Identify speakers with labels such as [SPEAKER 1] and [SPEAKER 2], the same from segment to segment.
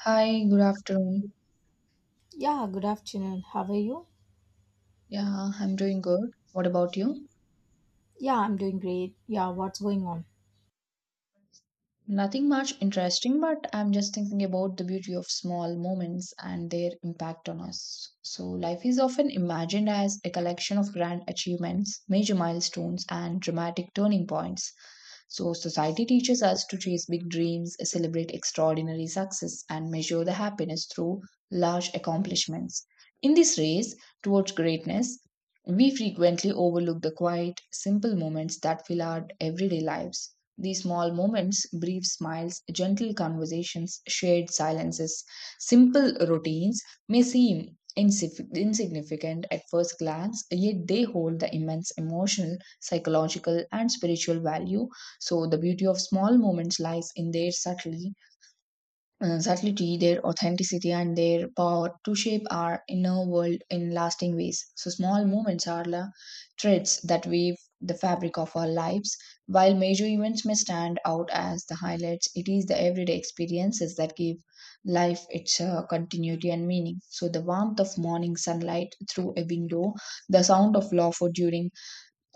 [SPEAKER 1] Hi, good afternoon.
[SPEAKER 2] Yeah, good afternoon. How are you?
[SPEAKER 1] Yeah, I'm doing good. What about you?
[SPEAKER 2] Yeah, I'm doing great. Yeah, what's going on?
[SPEAKER 1] Nothing much interesting, but I'm just thinking about the beauty of small moments and their impact on us. So, life is often imagined as a collection of grand achievements, major milestones, and dramatic turning points. So, society teaches us to chase big dreams, celebrate extraordinary success, and measure the happiness through large accomplishments. In this race towards greatness, we frequently overlook the quiet, simple moments that fill our everyday lives. These small moments, brief smiles, gentle conversations, shared silences, simple routines may seem insignificant at first glance, yet they hold the immense emotional, psychological, and spiritual value. So, the beauty of small moments lies in their subtlety, their authenticity, and their power to shape our inner world in lasting ways. So, small moments are the threads that weave the fabric of our lives. While major events may stand out as the highlights, it is the everyday experiences that give life its continuity and meaning. So, the warmth of morning sunlight through a window, the sound of laughter during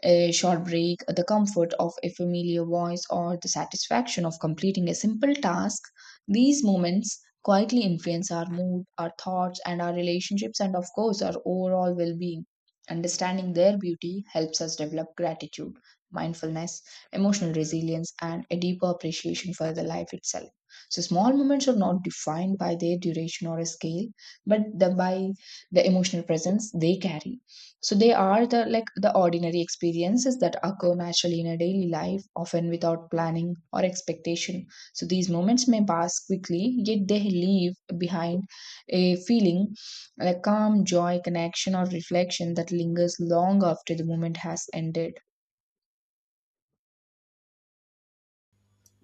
[SPEAKER 1] a short break, the comfort of a familiar voice, or the satisfaction of completing a simple task, these moments quietly influence our mood, our thoughts, and our relationships, and of course, our overall well being. Understanding their beauty helps us develop gratitude, mindfulness, emotional resilience, and a deeper appreciation for the life itself. So, small moments are not defined by their duration or a scale, but by the emotional presence they carry. So they are the like the ordinary experiences that occur naturally in a daily life, often without planning or expectation. So these moments may pass quickly, yet they leave behind a feeling like calm, joy, connection, or reflection that lingers long after the moment has ended.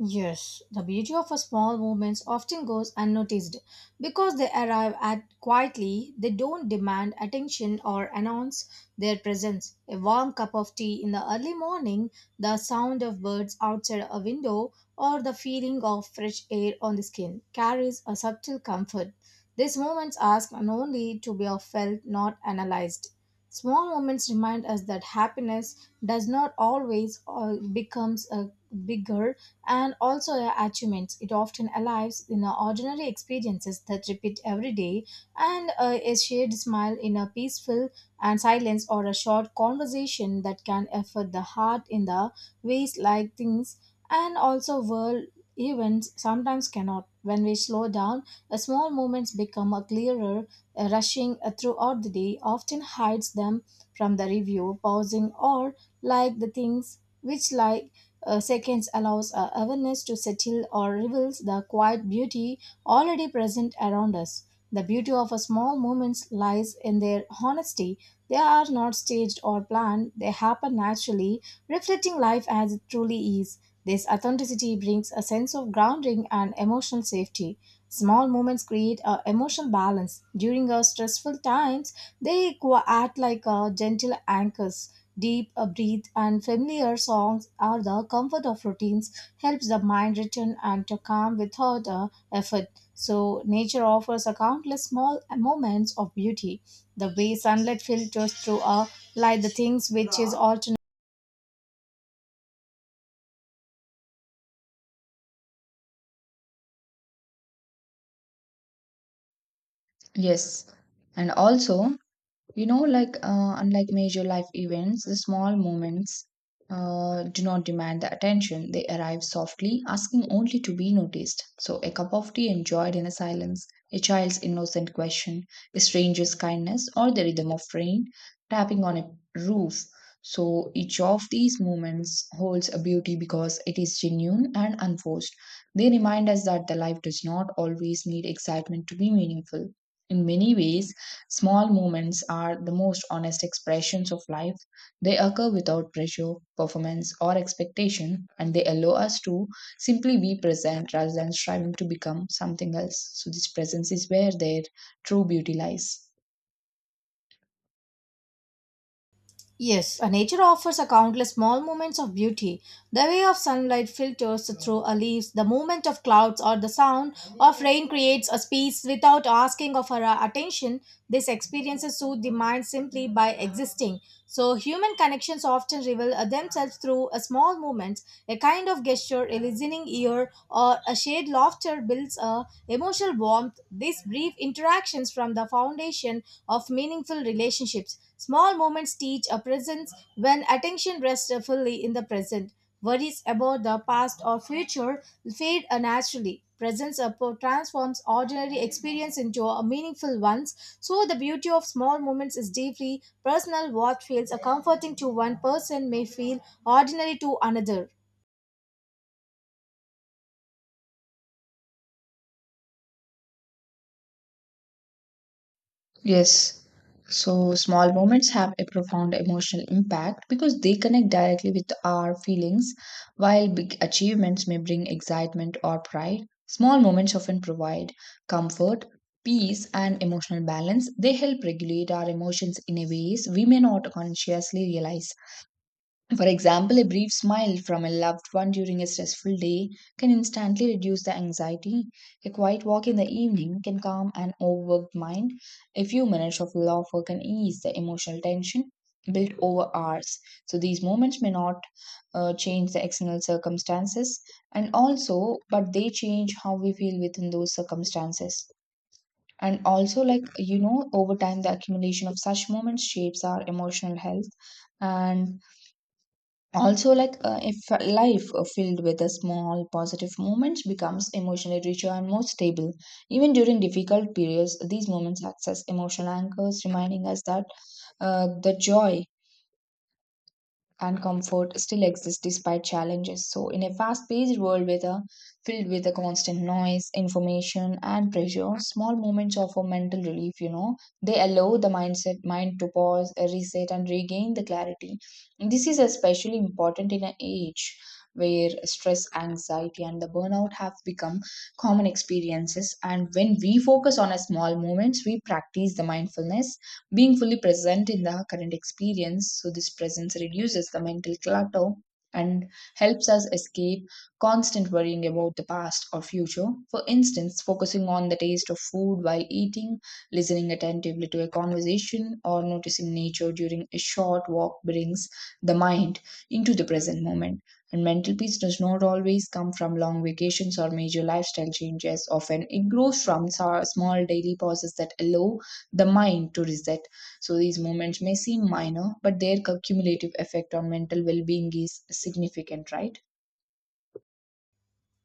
[SPEAKER 2] Yes, the beauty of a small movements often goes unnoticed because they arrive at quietly, they don't demand attention or announce their presence. A warm cup of tea in the early morning, the sound of birds outside a window, or the feeling of fresh air on the skin carries a subtle comfort. These moments ask and only to be felt, not analyzed. Small moments remind us that happiness does not always becomes a bigger and also their achievements. It often arrives in our ordinary experiences that repeat every day, and a shared smile in a peaceful and silence or a short conversation that can affect the heart in the ways like things and also world events sometimes cannot. When we slow down, the small moments become a clearer. A rushing throughout the day often hides them from the review, pausing or like the things which lie seconds allows our awareness to settle or reveals the quiet beauty already present around us. The beauty of a small moments lies in their honesty. They are not staged or planned, they happen naturally, reflecting life as it truly is. This authenticity brings a sense of grounding and emotional safety. Small moments create a emotional balance. During our stressful times, they act like gentle anchors. Deep breath and familiar songs are the comfort of routines, helps the mind return and to calm without effort. So nature offers a countless small moments of beauty. The way sunlight filters through a light, the things which is alternate.
[SPEAKER 1] Yes. And also, you know, like unlike major life events, the small moments do not demand the attention. They arrive softly, asking only to be noticed. So, a cup of tea enjoyed in a silence, a child's innocent question, a stranger's kindness, or the rhythm of rain tapping on a roof. So, each of these moments holds a beauty because it is genuine and unforced. They remind us that the life does not always need excitement to be meaningful. In many ways, small moments are the most honest expressions of life. They occur without pressure, performance, or expectation, and they allow us to simply be present rather than striving to become something else. So, this presence is where their true beauty lies.
[SPEAKER 2] Yes, nature offers a countless small moments of beauty. The way of sunlight filters through a leaves, the movement of clouds, or the sound of rain creates a space without asking of our attention. These experiences soothe the mind simply by existing. So, human connections often reveal themselves through a small movements, a kind of gesture, a listening ear, or a shared laughter builds a emotional warmth. These brief interactions from the foundation of meaningful relationships. Small moments teach a presence when attention rests fully in the present. Worries about the past or future fade naturally. Transforms ordinary experience into a meaningful ones. So the beauty of small moments is deeply personal. What feels a comforting to one person may feel ordinary to another.
[SPEAKER 1] Yes. So small moments have a profound emotional impact because they connect directly with our feelings, while big achievements may bring excitement or pride. Small moments often provide comfort, peace, and emotional balance. They help regulate our emotions in a ways we may not consciously realize. For example, a brief smile from a loved one during a stressful day can instantly reduce the anxiety. A quiet walk in the evening can calm an overworked mind. A few minutes of laughter can ease the emotional tension built over hours. So these moments may not change the external circumstances and also, but they change how we feel within those circumstances. And also, like, you know, over time, the accumulation of such moments shapes our emotional health and also like if a life filled with the small positive moments becomes emotionally richer and more stable even during difficult periods these moments act as emotional anchors reminding us that the joy and comfort still exist despite challenges. So, in a fast paced world filled with a constant noise, information, and pressure, small moments offer mental relief, you know. They allow the mind to pause, reset, and regain the clarity. This is especially important in an age where stress, anxiety, and the burnout have become common experiences. And when we focus on a small moments, we practice the mindfulness being fully present in the current experience, so this presence reduces the mental clutter and helps us escape constant worrying about the past or future. For instance, focusing on the taste of food while eating, listening attentively to a conversation, or noticing nature during a short walk brings the mind into the present moment. And mental peace does not always come from long vacations or major lifestyle changes. Often, it grows from small daily pauses that allow the mind to reset. So these moments may seem minor, but their cumulative effect on mental well being is significant, right?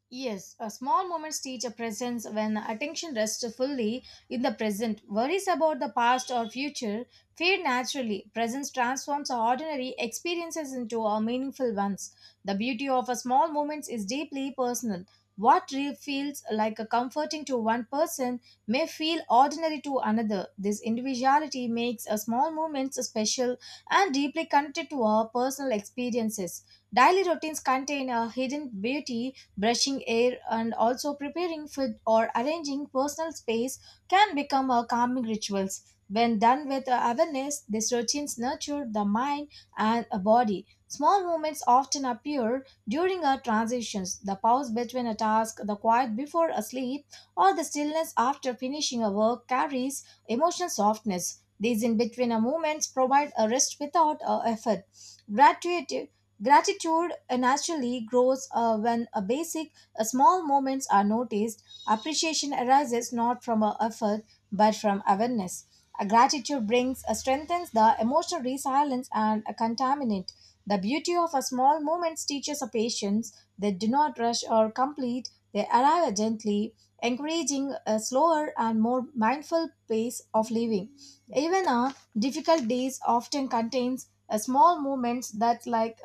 [SPEAKER 2] Yes, a small moments teach a presence when attention rests fully in the present. Worries about the past or future fade naturally. Presence transforms ordinary experiences into a meaningful ones. The beauty of a small moments is deeply personal. What feels like a comforting to one person may feel ordinary to another. This individuality makes a small moments special and deeply connected to our personal experiences. Daily routines contain a hidden beauty. Brushing air and also preparing food or arranging personal space can become a calming rituals. When done with awareness, these routines nurture the mind and a body. Small movements often appear during our transitions, the pause between a task, the quiet before a sleep, or the stillness after finishing a work carries emotional softness. These in between a movements provide a rest without a effort. Gratitude Gratitude naturally grows when a basic small moments are noticed. Appreciation arises not from a effort but from awareness. A gratitude brings strengthens the emotional resilience and a contaminant. The beauty of a small moments teaches a patience. They do not rush or complete. They arrive gently, encouraging a slower and more mindful pace of living. Even a difficult days often contains a small moments that like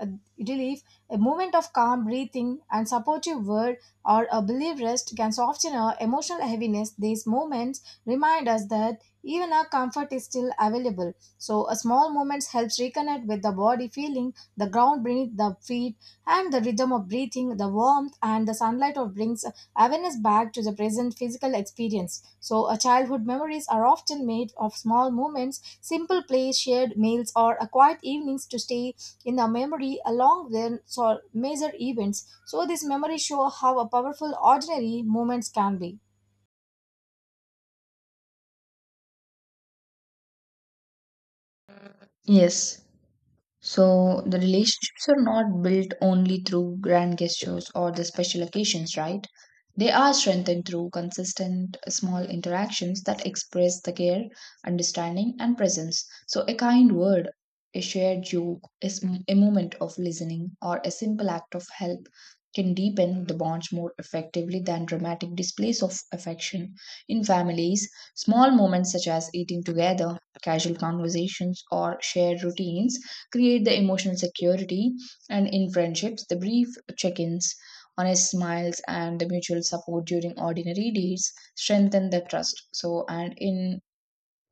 [SPEAKER 2] relief, a moment of calm breathing, and supportive word or a belief rest can soften our emotional heaviness. These moments remind us that even our comfort is still available. So, a small moment helps reconnect with the body feeling, the ground beneath the feet, and the rhythm of breathing, the warmth, and the sunlight of brings awareness back to the present physical experience. So, a childhood memories are often made of small moments, simple plays, shared meals, or a quiet evenings to stay in the memory along with so major events. So, these memories show how a powerful ordinary moments can be.
[SPEAKER 1] Yes. So the relationships are not built only through grand gestures or the special occasions, right? They are strengthened through consistent small interactions that express the care, understanding, and presence. So a kind word, a shared joke, a moment of listening, or a simple act of help can deepen the bonds more effectively than dramatic displays of affection. In families, small moments such as eating together, casual conversations, or shared routines create the emotional security, and in friendships the brief check-ins, honest smiles, and the mutual support during ordinary days strengthen the trust. So and in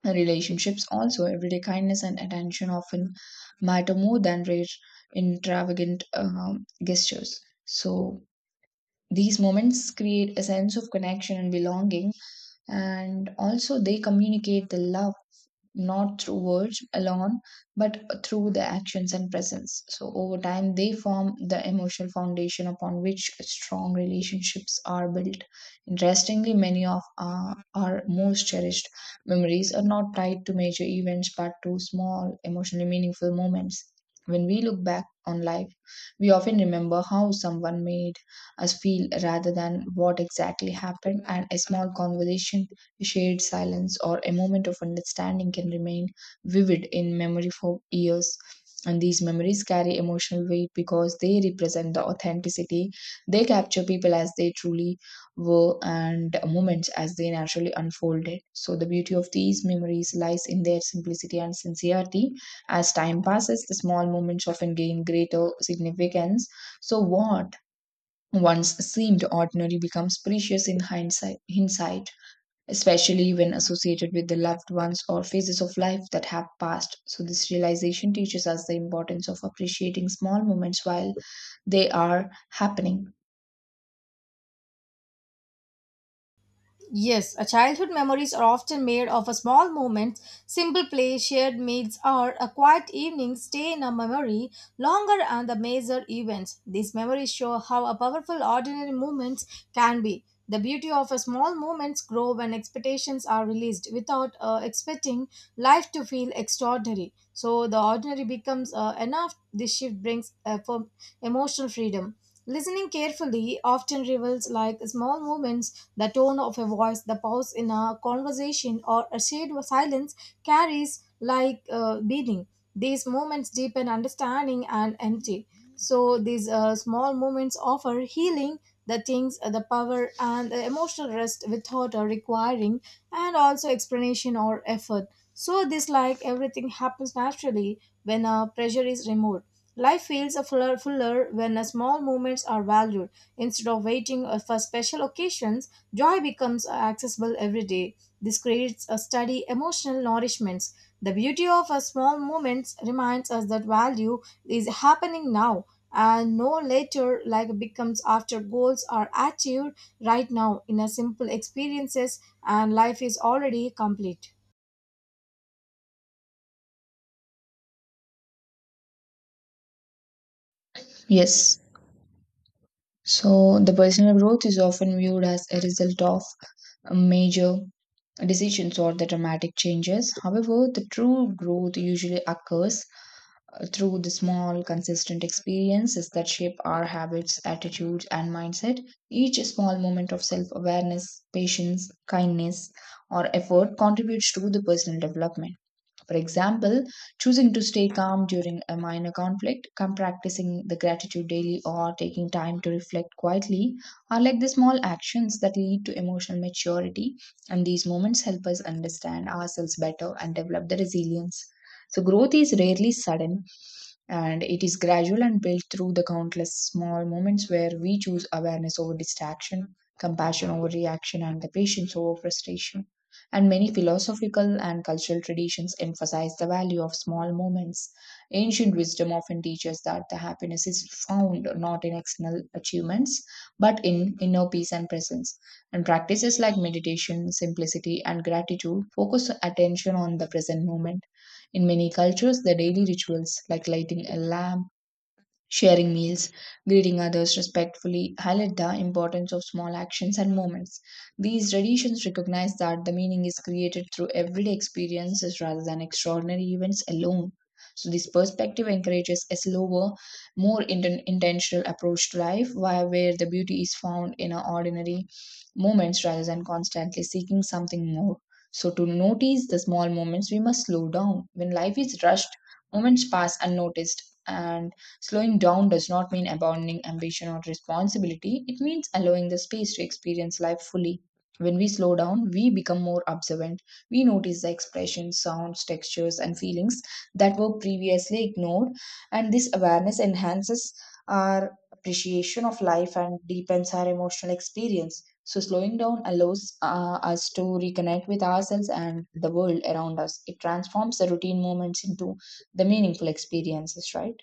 [SPEAKER 1] relationships also, everyday kindness and attention often matter more than rare extravagant gestures. So these moments create a sense of connection and belonging, and also they communicate the love not through words alone but through their actions and presence. So over time they form the emotional foundation upon which strong relationships are built. Interestingly, many of our most cherished memories are not tied to major events but to small emotionally meaningful moments. When we look back on life we often remember how someone made us feel rather than what exactly happened, and a small conversation, a shared silence, or a moment of understanding can remain vivid in memory for years. And these memories carry emotional weight because they represent the authenticity. They capture people as they truly were and moments as they naturally unfolded. So, the beauty of these memories lies in their simplicity and sincerity. As time passes, the small moments often gain greater significance. So, what once seemed ordinary becomes precious in hindsight, especially when associated with the loved ones or phases of life that have passed. So, this realization teaches us the importance of appreciating small moments while they are happening.
[SPEAKER 2] Yes, a childhood memories are often made of a small moments, simple play, shared meals, or a quiet evening stay in a memory longer than the major events. These memories show how a powerful ordinary moments can be. The beauty of a small moments grow when expectations are released without expecting life to feel extraordinary. So the ordinary becomes enough. This shift brings for emotional freedom. Listening carefully often reveals like small movements, the tone of a voice, the pause in a conversation, or a shade of silence carries like meaning. These moments deepen understanding and empty. So these small moments offer healing, the things, the power, and the emotional rest without requiring, and also explanation or effort. So this like everything happens naturally when pressure is removed. Life feels a fuller when a small moments are valued. Instead of waiting for special occasions, joy becomes accessible every day. This creates a steady emotional nourishment. The beauty of a small moments reminds us that value is happening now and no later like becomes after goals are achieved right now in a simple experiences and life is already complete.
[SPEAKER 1] Yes. So, the personal growth is often viewed as a result of a major decisions or the dramatic changes. However, the true growth usually occurs through the small, consistent experiences that shape our habits, attitudes, and mindset. Each small moment of self awareness, patience, kindness, or effort contributes to the personal development. For example, choosing to stay calm during a minor conflict, come practicing the gratitude daily, or taking time to reflect quietly are like the small actions that lead to emotional maturity. And these moments help us understand ourselves better and develop the resilience. So, growth is rarely sudden and it is gradual and built through the countless small moments where we choose awareness over distraction, compassion over reaction, and the patience over frustration. And many philosophical and cultural traditions emphasize the value of small moments. Ancient wisdom often teaches that the happiness is found not in external achievements but in inner peace and presence. And practices like meditation, simplicity, and gratitude focus attention on the present moment in many cultures. The daily rituals like lighting a lamp, sharing meals, greeting others respectfully highlight the importance of small actions and moments. These traditions recognize that the meaning is created through everyday experiences rather than extraordinary events alone. So, this perspective encourages a slower, more intentional approach to life, where the beauty is found in our ordinary moments rather than constantly seeking something more. So, to notice the small moments, we must slow down. When life is rushed, moments pass unnoticed, and slowing down does not mean abandoning ambition or responsibility, it means allowing the space to experience life fully. When we slow down, we become more observant. We notice the expressions, sounds, textures, and feelings that were previously ignored, and this awareness enhances our appreciation of life and deepens our emotional experience. So, slowing down allows us to reconnect with ourselves and the world around us. It transforms the routine moments into the meaningful experiences, right?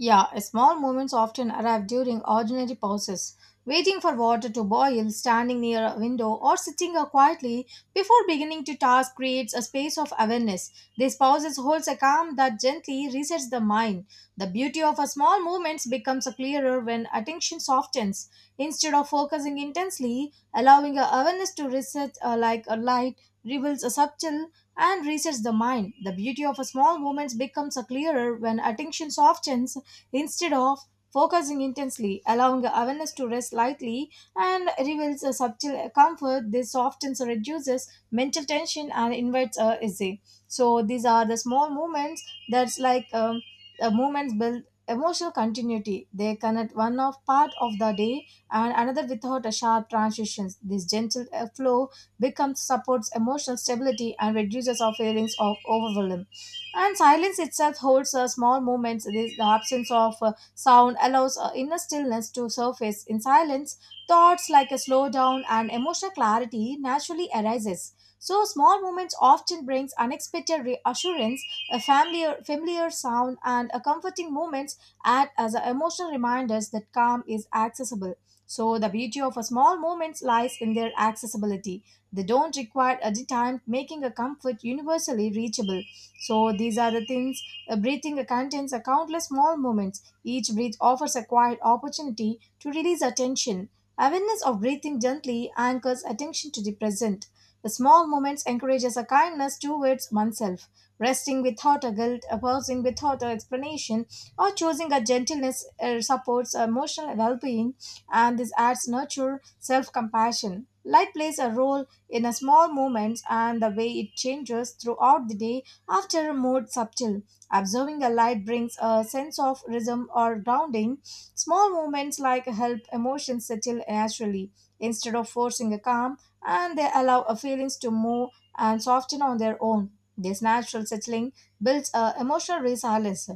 [SPEAKER 2] Yeah, small moments often arrive during ordinary pauses. Waiting for water to boil, standing near a window, or sitting quietly before beginning to task creates a space of awareness. These pauses holds a calm that gently resets the mind. The beauty of a small moments becomes clearer when attention softens. Instead of focusing intensely, allowing a awareness to reset like a light reveals a subtle and resets the mind. The beauty of a small moments becomes a clearer when attention softens instead of focusing intensely, allowing awareness to rest lightly and reveals a subtle comfort. This softens or reduces mental tension and invites a essay. So these are the small movements that's like movements build emotional continuity. They connect one of part of the day and another without a sharp transitions. This gentle flow becomes supports emotional stability and reduces our feelings of overwhelm. And silence itself holds small moments. The absence of sound allows inner stillness to surface. In silence, thoughts like a slowdown and emotional clarity naturally arises. So small moments often brings unexpected reassurance, a familiar sound, and a comforting moments act as a emotional reminders that calm is accessible. So the beauty of a small moments lies in their accessibility. They don't require a time, making a comfort universally reachable. So these are the things. Breathing contains a countless small moments. Each breath offers a quiet opportunity to release attention. Awareness of breathing gently anchors attention to the present. The small moments encourages a kindness towards oneself. Resting without a guilt, a pausing without an explanation, or choosing a gentleness supports emotional well-being, and this adds nurture, self-compassion. Light plays a role in a small moments and the way it changes throughout the day after a more subtle. Observing a light brings a sense of rhythm or grounding. Small movements like help emotions settle naturally instead of forcing a calm, and they allow a feelings to move and soften on their own. This natural settling builds a emotional resilience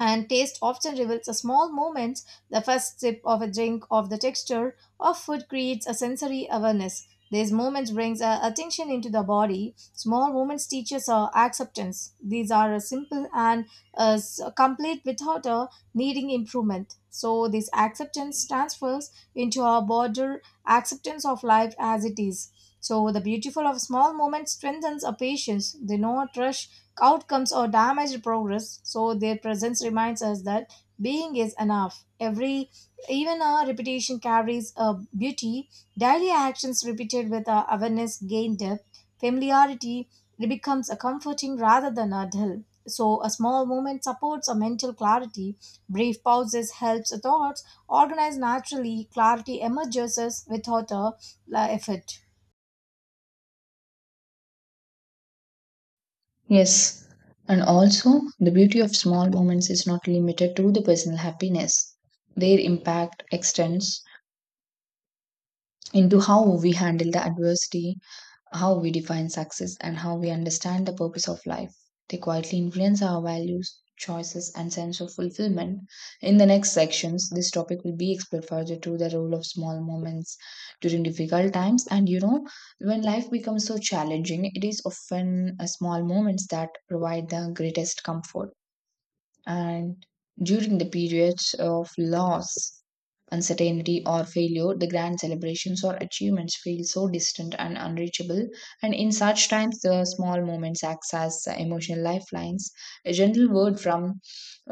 [SPEAKER 2] and taste often reveals a small moments. The first sip of a drink, of the texture of food creates a sensory awareness. These moments brings attention into the body. Small moments teaches us acceptance. These are simple and complete without needing improvement. So this acceptance transfers into our broader acceptance of life as it is. So the beautiful of small moments strengthens a patience. They not rush outcomes or damage progress. So their presence reminds us that being is enough. Every even our repetition carries a beauty. Daily actions repeated with our awareness gain depth. Familiarity becomes a comforting rather than a dull. So a small moment supports a mental clarity. Brief pauses helps thoughts organize naturally. Clarity emerges without effort.
[SPEAKER 1] Yes, and also the beauty of small moments is not limited to the personal happiness. Their impact extends into how we handle the adversity, how we define success, and how we understand the purpose of life. They quietly influence our values, choices, and sense of fulfillment. In the next sections, this topic will be explored further through the role of small moments during difficult times. And you know, when life becomes so challenging, it is often small moments that provide the greatest comfort. And during the periods of loss, uncertainty, or failure, the grand celebrations or achievements feel so distant and unreachable. And in such times, the small moments act as emotional lifelines. A gentle word from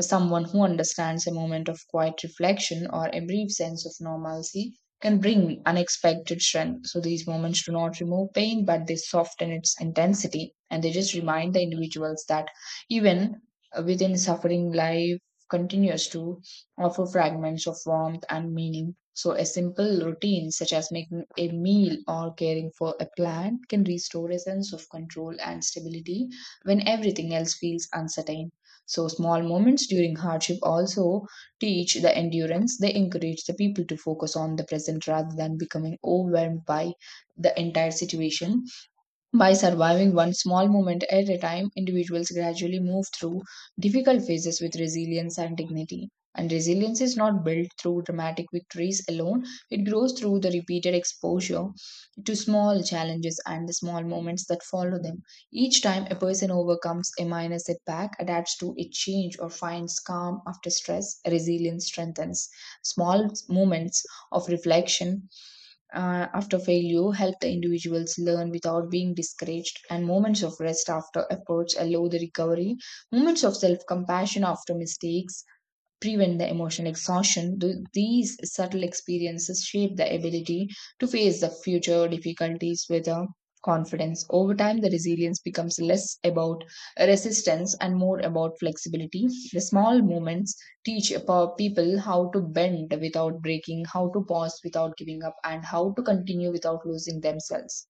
[SPEAKER 1] someone who understands a moment of quiet reflection or a brief sense of normalcy can bring unexpected strength. So these moments do not remove pain, but they soften its intensity and they just remind the individuals that even within suffering, life continues to offer fragments of warmth and meaning. So, a simple routine such as making a meal or caring for a plant can restore a sense of control and stability when everything else feels uncertain. So, small moments during hardship also teach the endurance. They encourage the people to focus on the present rather than becoming overwhelmed by the entire situation by surviving one small moment at a time, individuals gradually move through difficult phases with resilience and dignity. And resilience is not built through dramatic victories alone, it grows through the repeated exposure to small challenges and the small moments that follow them. Each time a person overcomes a minor setback, adapts to a change, or finds calm after stress, resilience strengthens. Small moments of reflection after failure help the individuals learn without being discouraged and moments of rest after efforts allow the recovery moments of self-compassion after mistakes prevent the emotional exhaustion. These subtle experiences shape the ability to face the future difficulties with a confidence. Over time, the resilience becomes less about resistance and more about flexibility. The small moments teach people how to bend without breaking, how to pause without giving up, and how to continue without losing themselves.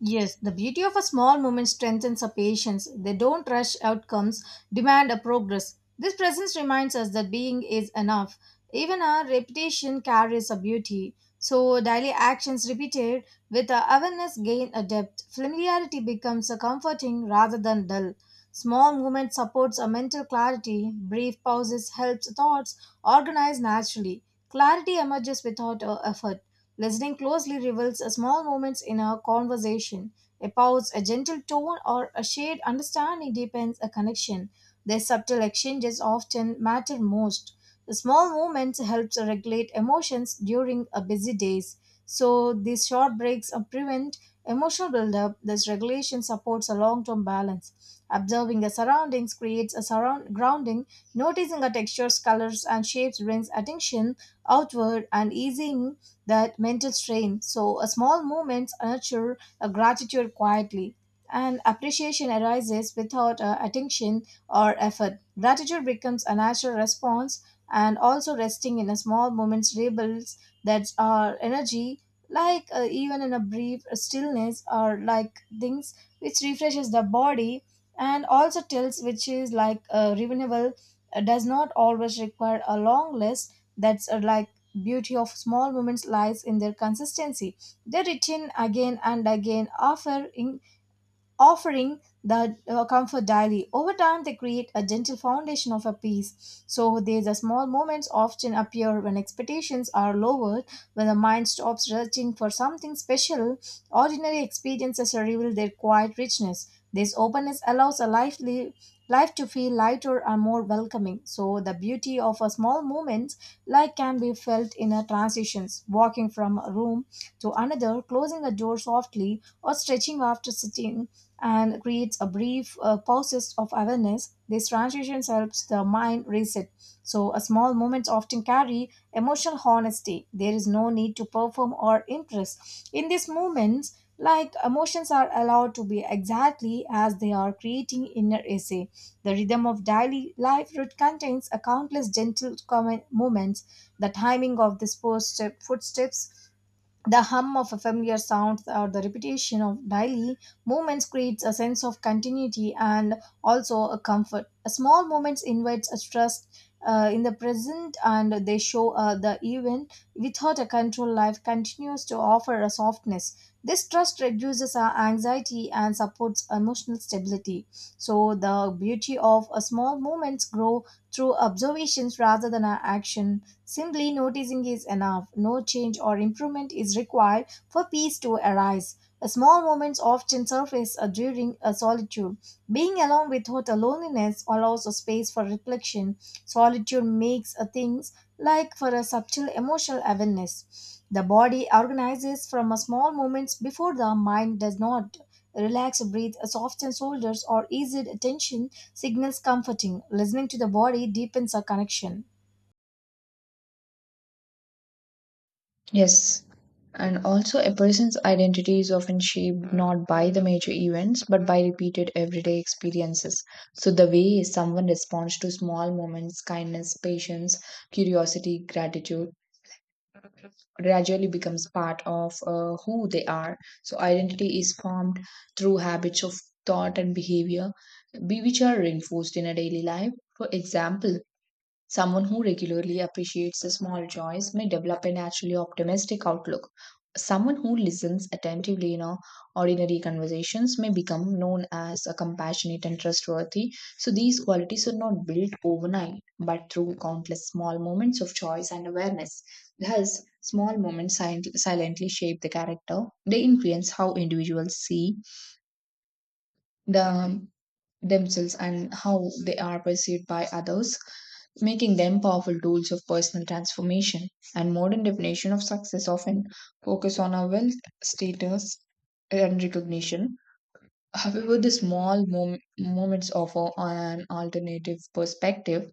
[SPEAKER 2] Yes, the beauty of a small movement strengthens our patience. They don't rush outcomes, demand a progress. This presence reminds us that being is enough. Even our repetition carries a beauty. So, daily actions repeated with our awareness gain a depth. Familiarity becomes a comforting rather than dull. Small movement supports a mental clarity. Brief pauses helps thoughts organize naturally. Clarity emerges without effort. Listening closely reveals a small moments in a conversation. A pause, a gentle tone, or a shared understanding deepens a connection. Their subtle exchanges often matter most. The small moments helps regulate emotions during a busy days. So these short breaks prevent emotional buildup. This regulation supports a long-term balance. Observing the surroundings creates a surround grounding. Noticing the textures, colors, and shapes brings attention outward and easing that mental strain. So, a small movements nurture a gratitude quietly, and appreciation arises without attention or effort. Gratitude becomes a natural response, and also resting in a small moments rebuilds that our energy, like even in a brief stillness or like things which refreshes the body and also tells which is like renewable does not always require a long list that's like beauty of small moments lies in their consistency. They return again and again, offering the comfort daily. Over time, they create a gentle foundation of a peace. So these are small moments often appear when expectations are lowered, when the mind stops searching for something special. Ordinary experiences reveal their quiet richness. This openness allows a life to feel lighter and more welcoming. So the beauty of a small moment like can be felt in a transitions, walking from a room to another, closing a door softly or stretching after sitting and creates a brief pauses of awareness. This transition helps the mind reset. So, a small moments often carry emotional honesty. There is no need to perform or impress. In these moments, like emotions are allowed to be exactly as they are creating inner essay the rhythm of daily life route contains a countless gentle moments the timing of these footsteps the hum of a familiar sound or the repetition of daily movements creates a sense of continuity and also a comfort. A small moments invites a trust in the present and they show the event without a control life continues to offer a softness. This trust reduces our anxiety and supports emotional stability. So the beauty of a small moments grow through observations rather than our action. Simply noticing is enough. No change or improvement is required for peace to arise. Small moments often surface during a solitude. Being alone without a loneliness allows a space for reflection. Solitude makes a things like for a subtle emotional awareness. The body organizes from a small moments before the mind does not. Relax, breathe, soften shoulders or ease tension signals comforting. Listening to the body deepens a connection.
[SPEAKER 1] Yes. And also, a person's identity is often shaped not by the major events but by repeated everyday experiences. So, the way someone responds to small moments, kindness, patience, curiosity, gratitude, gradually becomes part of who they are. So, identity is formed through habits of thought and behavior, which are reinforced in a daily life. For example, someone who regularly appreciates the small joys may develop a naturally optimistic outlook. Someone who listens attentively in a ordinary conversations may become known as a compassionate and trustworthy. So these qualities are not built overnight, but through countless small moments of choice and awareness. Thus, small moments silently shape the character. They influence how individuals see the themselves and how they are perceived by others, making them powerful tools of personal transformation. And modern definition of success often focus on our wealth, status, and recognition. However, the small moments offer an alternative perspective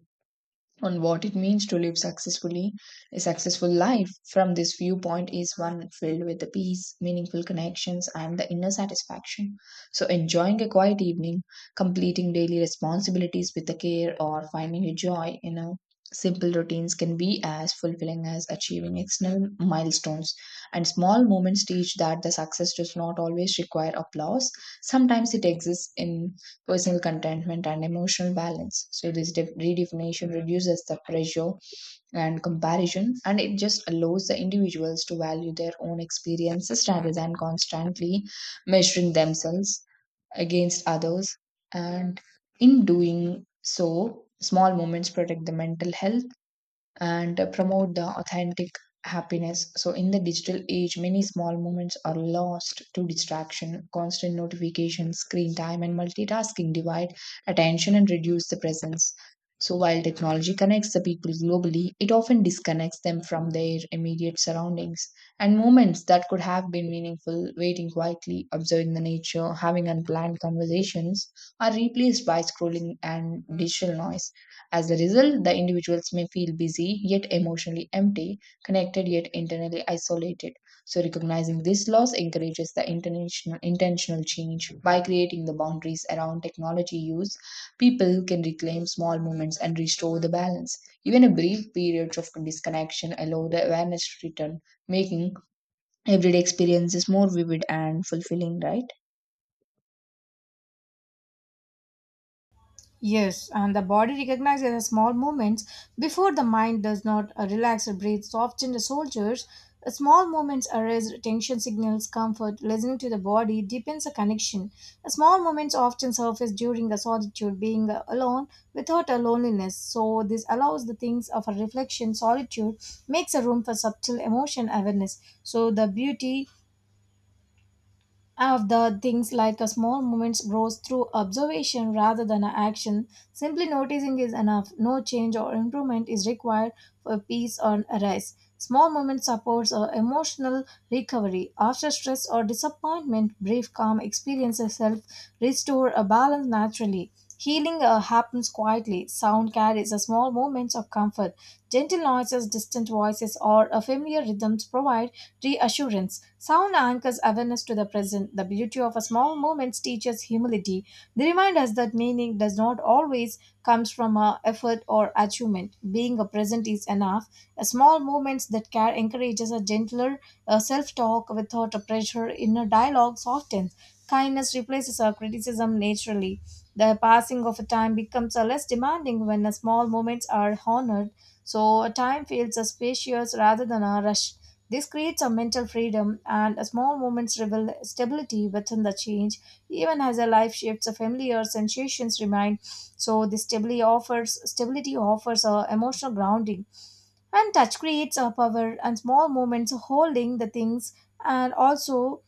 [SPEAKER 1] on what it means to live successfully a successful life from this viewpoint is one filled with the peace meaningful connections and the inner satisfaction so enjoying a quiet evening completing daily responsibilities with the care or finding a joy in a simple routines can be as fulfilling as achieving external milestones and small moments teach that the success does not always require applause sometimes it exists in personal contentment, and emotional balance. So, this redefinition reduces the pressure and comparison, and it just allows the individuals to value their own experiences rather than constantly measuring themselves against others. And in doing so, small moments protect the mental health and promote the authentic happiness. So, in the digital age, many small moments are lost to distraction, constant notifications, screen time, and multitasking divide attention and reduce the presence. So, while technology connects the people globally, it often disconnects them from their immediate surroundings and moments that could have been meaningful, waiting quietly, observing the nature, having unplanned conversations, are replaced by scrolling and digital noise. As a result, the individuals may feel busy yet emotionally empty, connected yet internally isolated. So, recognizing this loss encourages the international, intentional change by creating the boundaries around technology use. People can reclaim small moments and restore the balance. Even a brief periods of disconnection allow the awareness to return, making everyday experiences more vivid and fulfilling, right?
[SPEAKER 2] Yes, and the body recognizes the small movements before the mind does not relax or breathe. So often the soldiers, small movements arrest attention signals comfort. Listening to the body deepens the connection. The small movements often surface during the solitude, being alone without a loneliness. So this allows the things of a reflection. Solitude makes a room for subtle emotion awareness. So the beauty of the things like a small moments grows through observation rather than a action. Simply noticing is enough. No change or improvement is required for peace or arise. Small moments supports our emotional recovery. After stress or disappointment, brief calm experiences help restore a balance naturally. Healing happens quietly. Sound carries a small moments of comfort. Gentle noises, distant voices, or a familiar rhythms provide reassurance. Sound anchors awareness to the present. The beauty of a small moments teaches humility. They remind us that meaning does not always comes from a effort or achievement. Being a present is enough. A small moments that care encourages a gentler self-talk without a pressure. Inner dialogue softens. Kindness replaces our criticism naturally. The passing of a time becomes a less demanding when the small moments are honored. So time feels spacious rather than a rush. This creates a mental freedom and a small moments reveal stability within the change. Even as a life shifts, a familiar sensations remain. So this stability offers a emotional grounding. And touch creates a power and small moments holding the things and also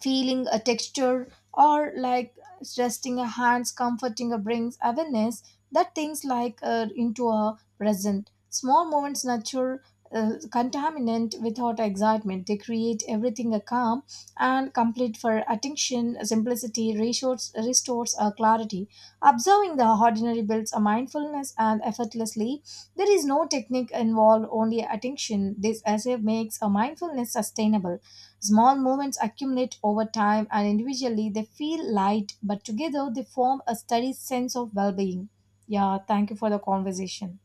[SPEAKER 2] feeling a texture or like resting a hands comforting a brings awareness that things like into a present small moments nurture contaminant without excitement they create everything a calm and complete for attention simplicity restores a clarity observing the ordinary builds a mindfulness and effortlessly there is no technique involved only attention this essay makes a mindfulness sustainable. Small moments accumulate over time and individually they feel light, but together they form a steady sense of well being. Yeah, thank you for the conversation.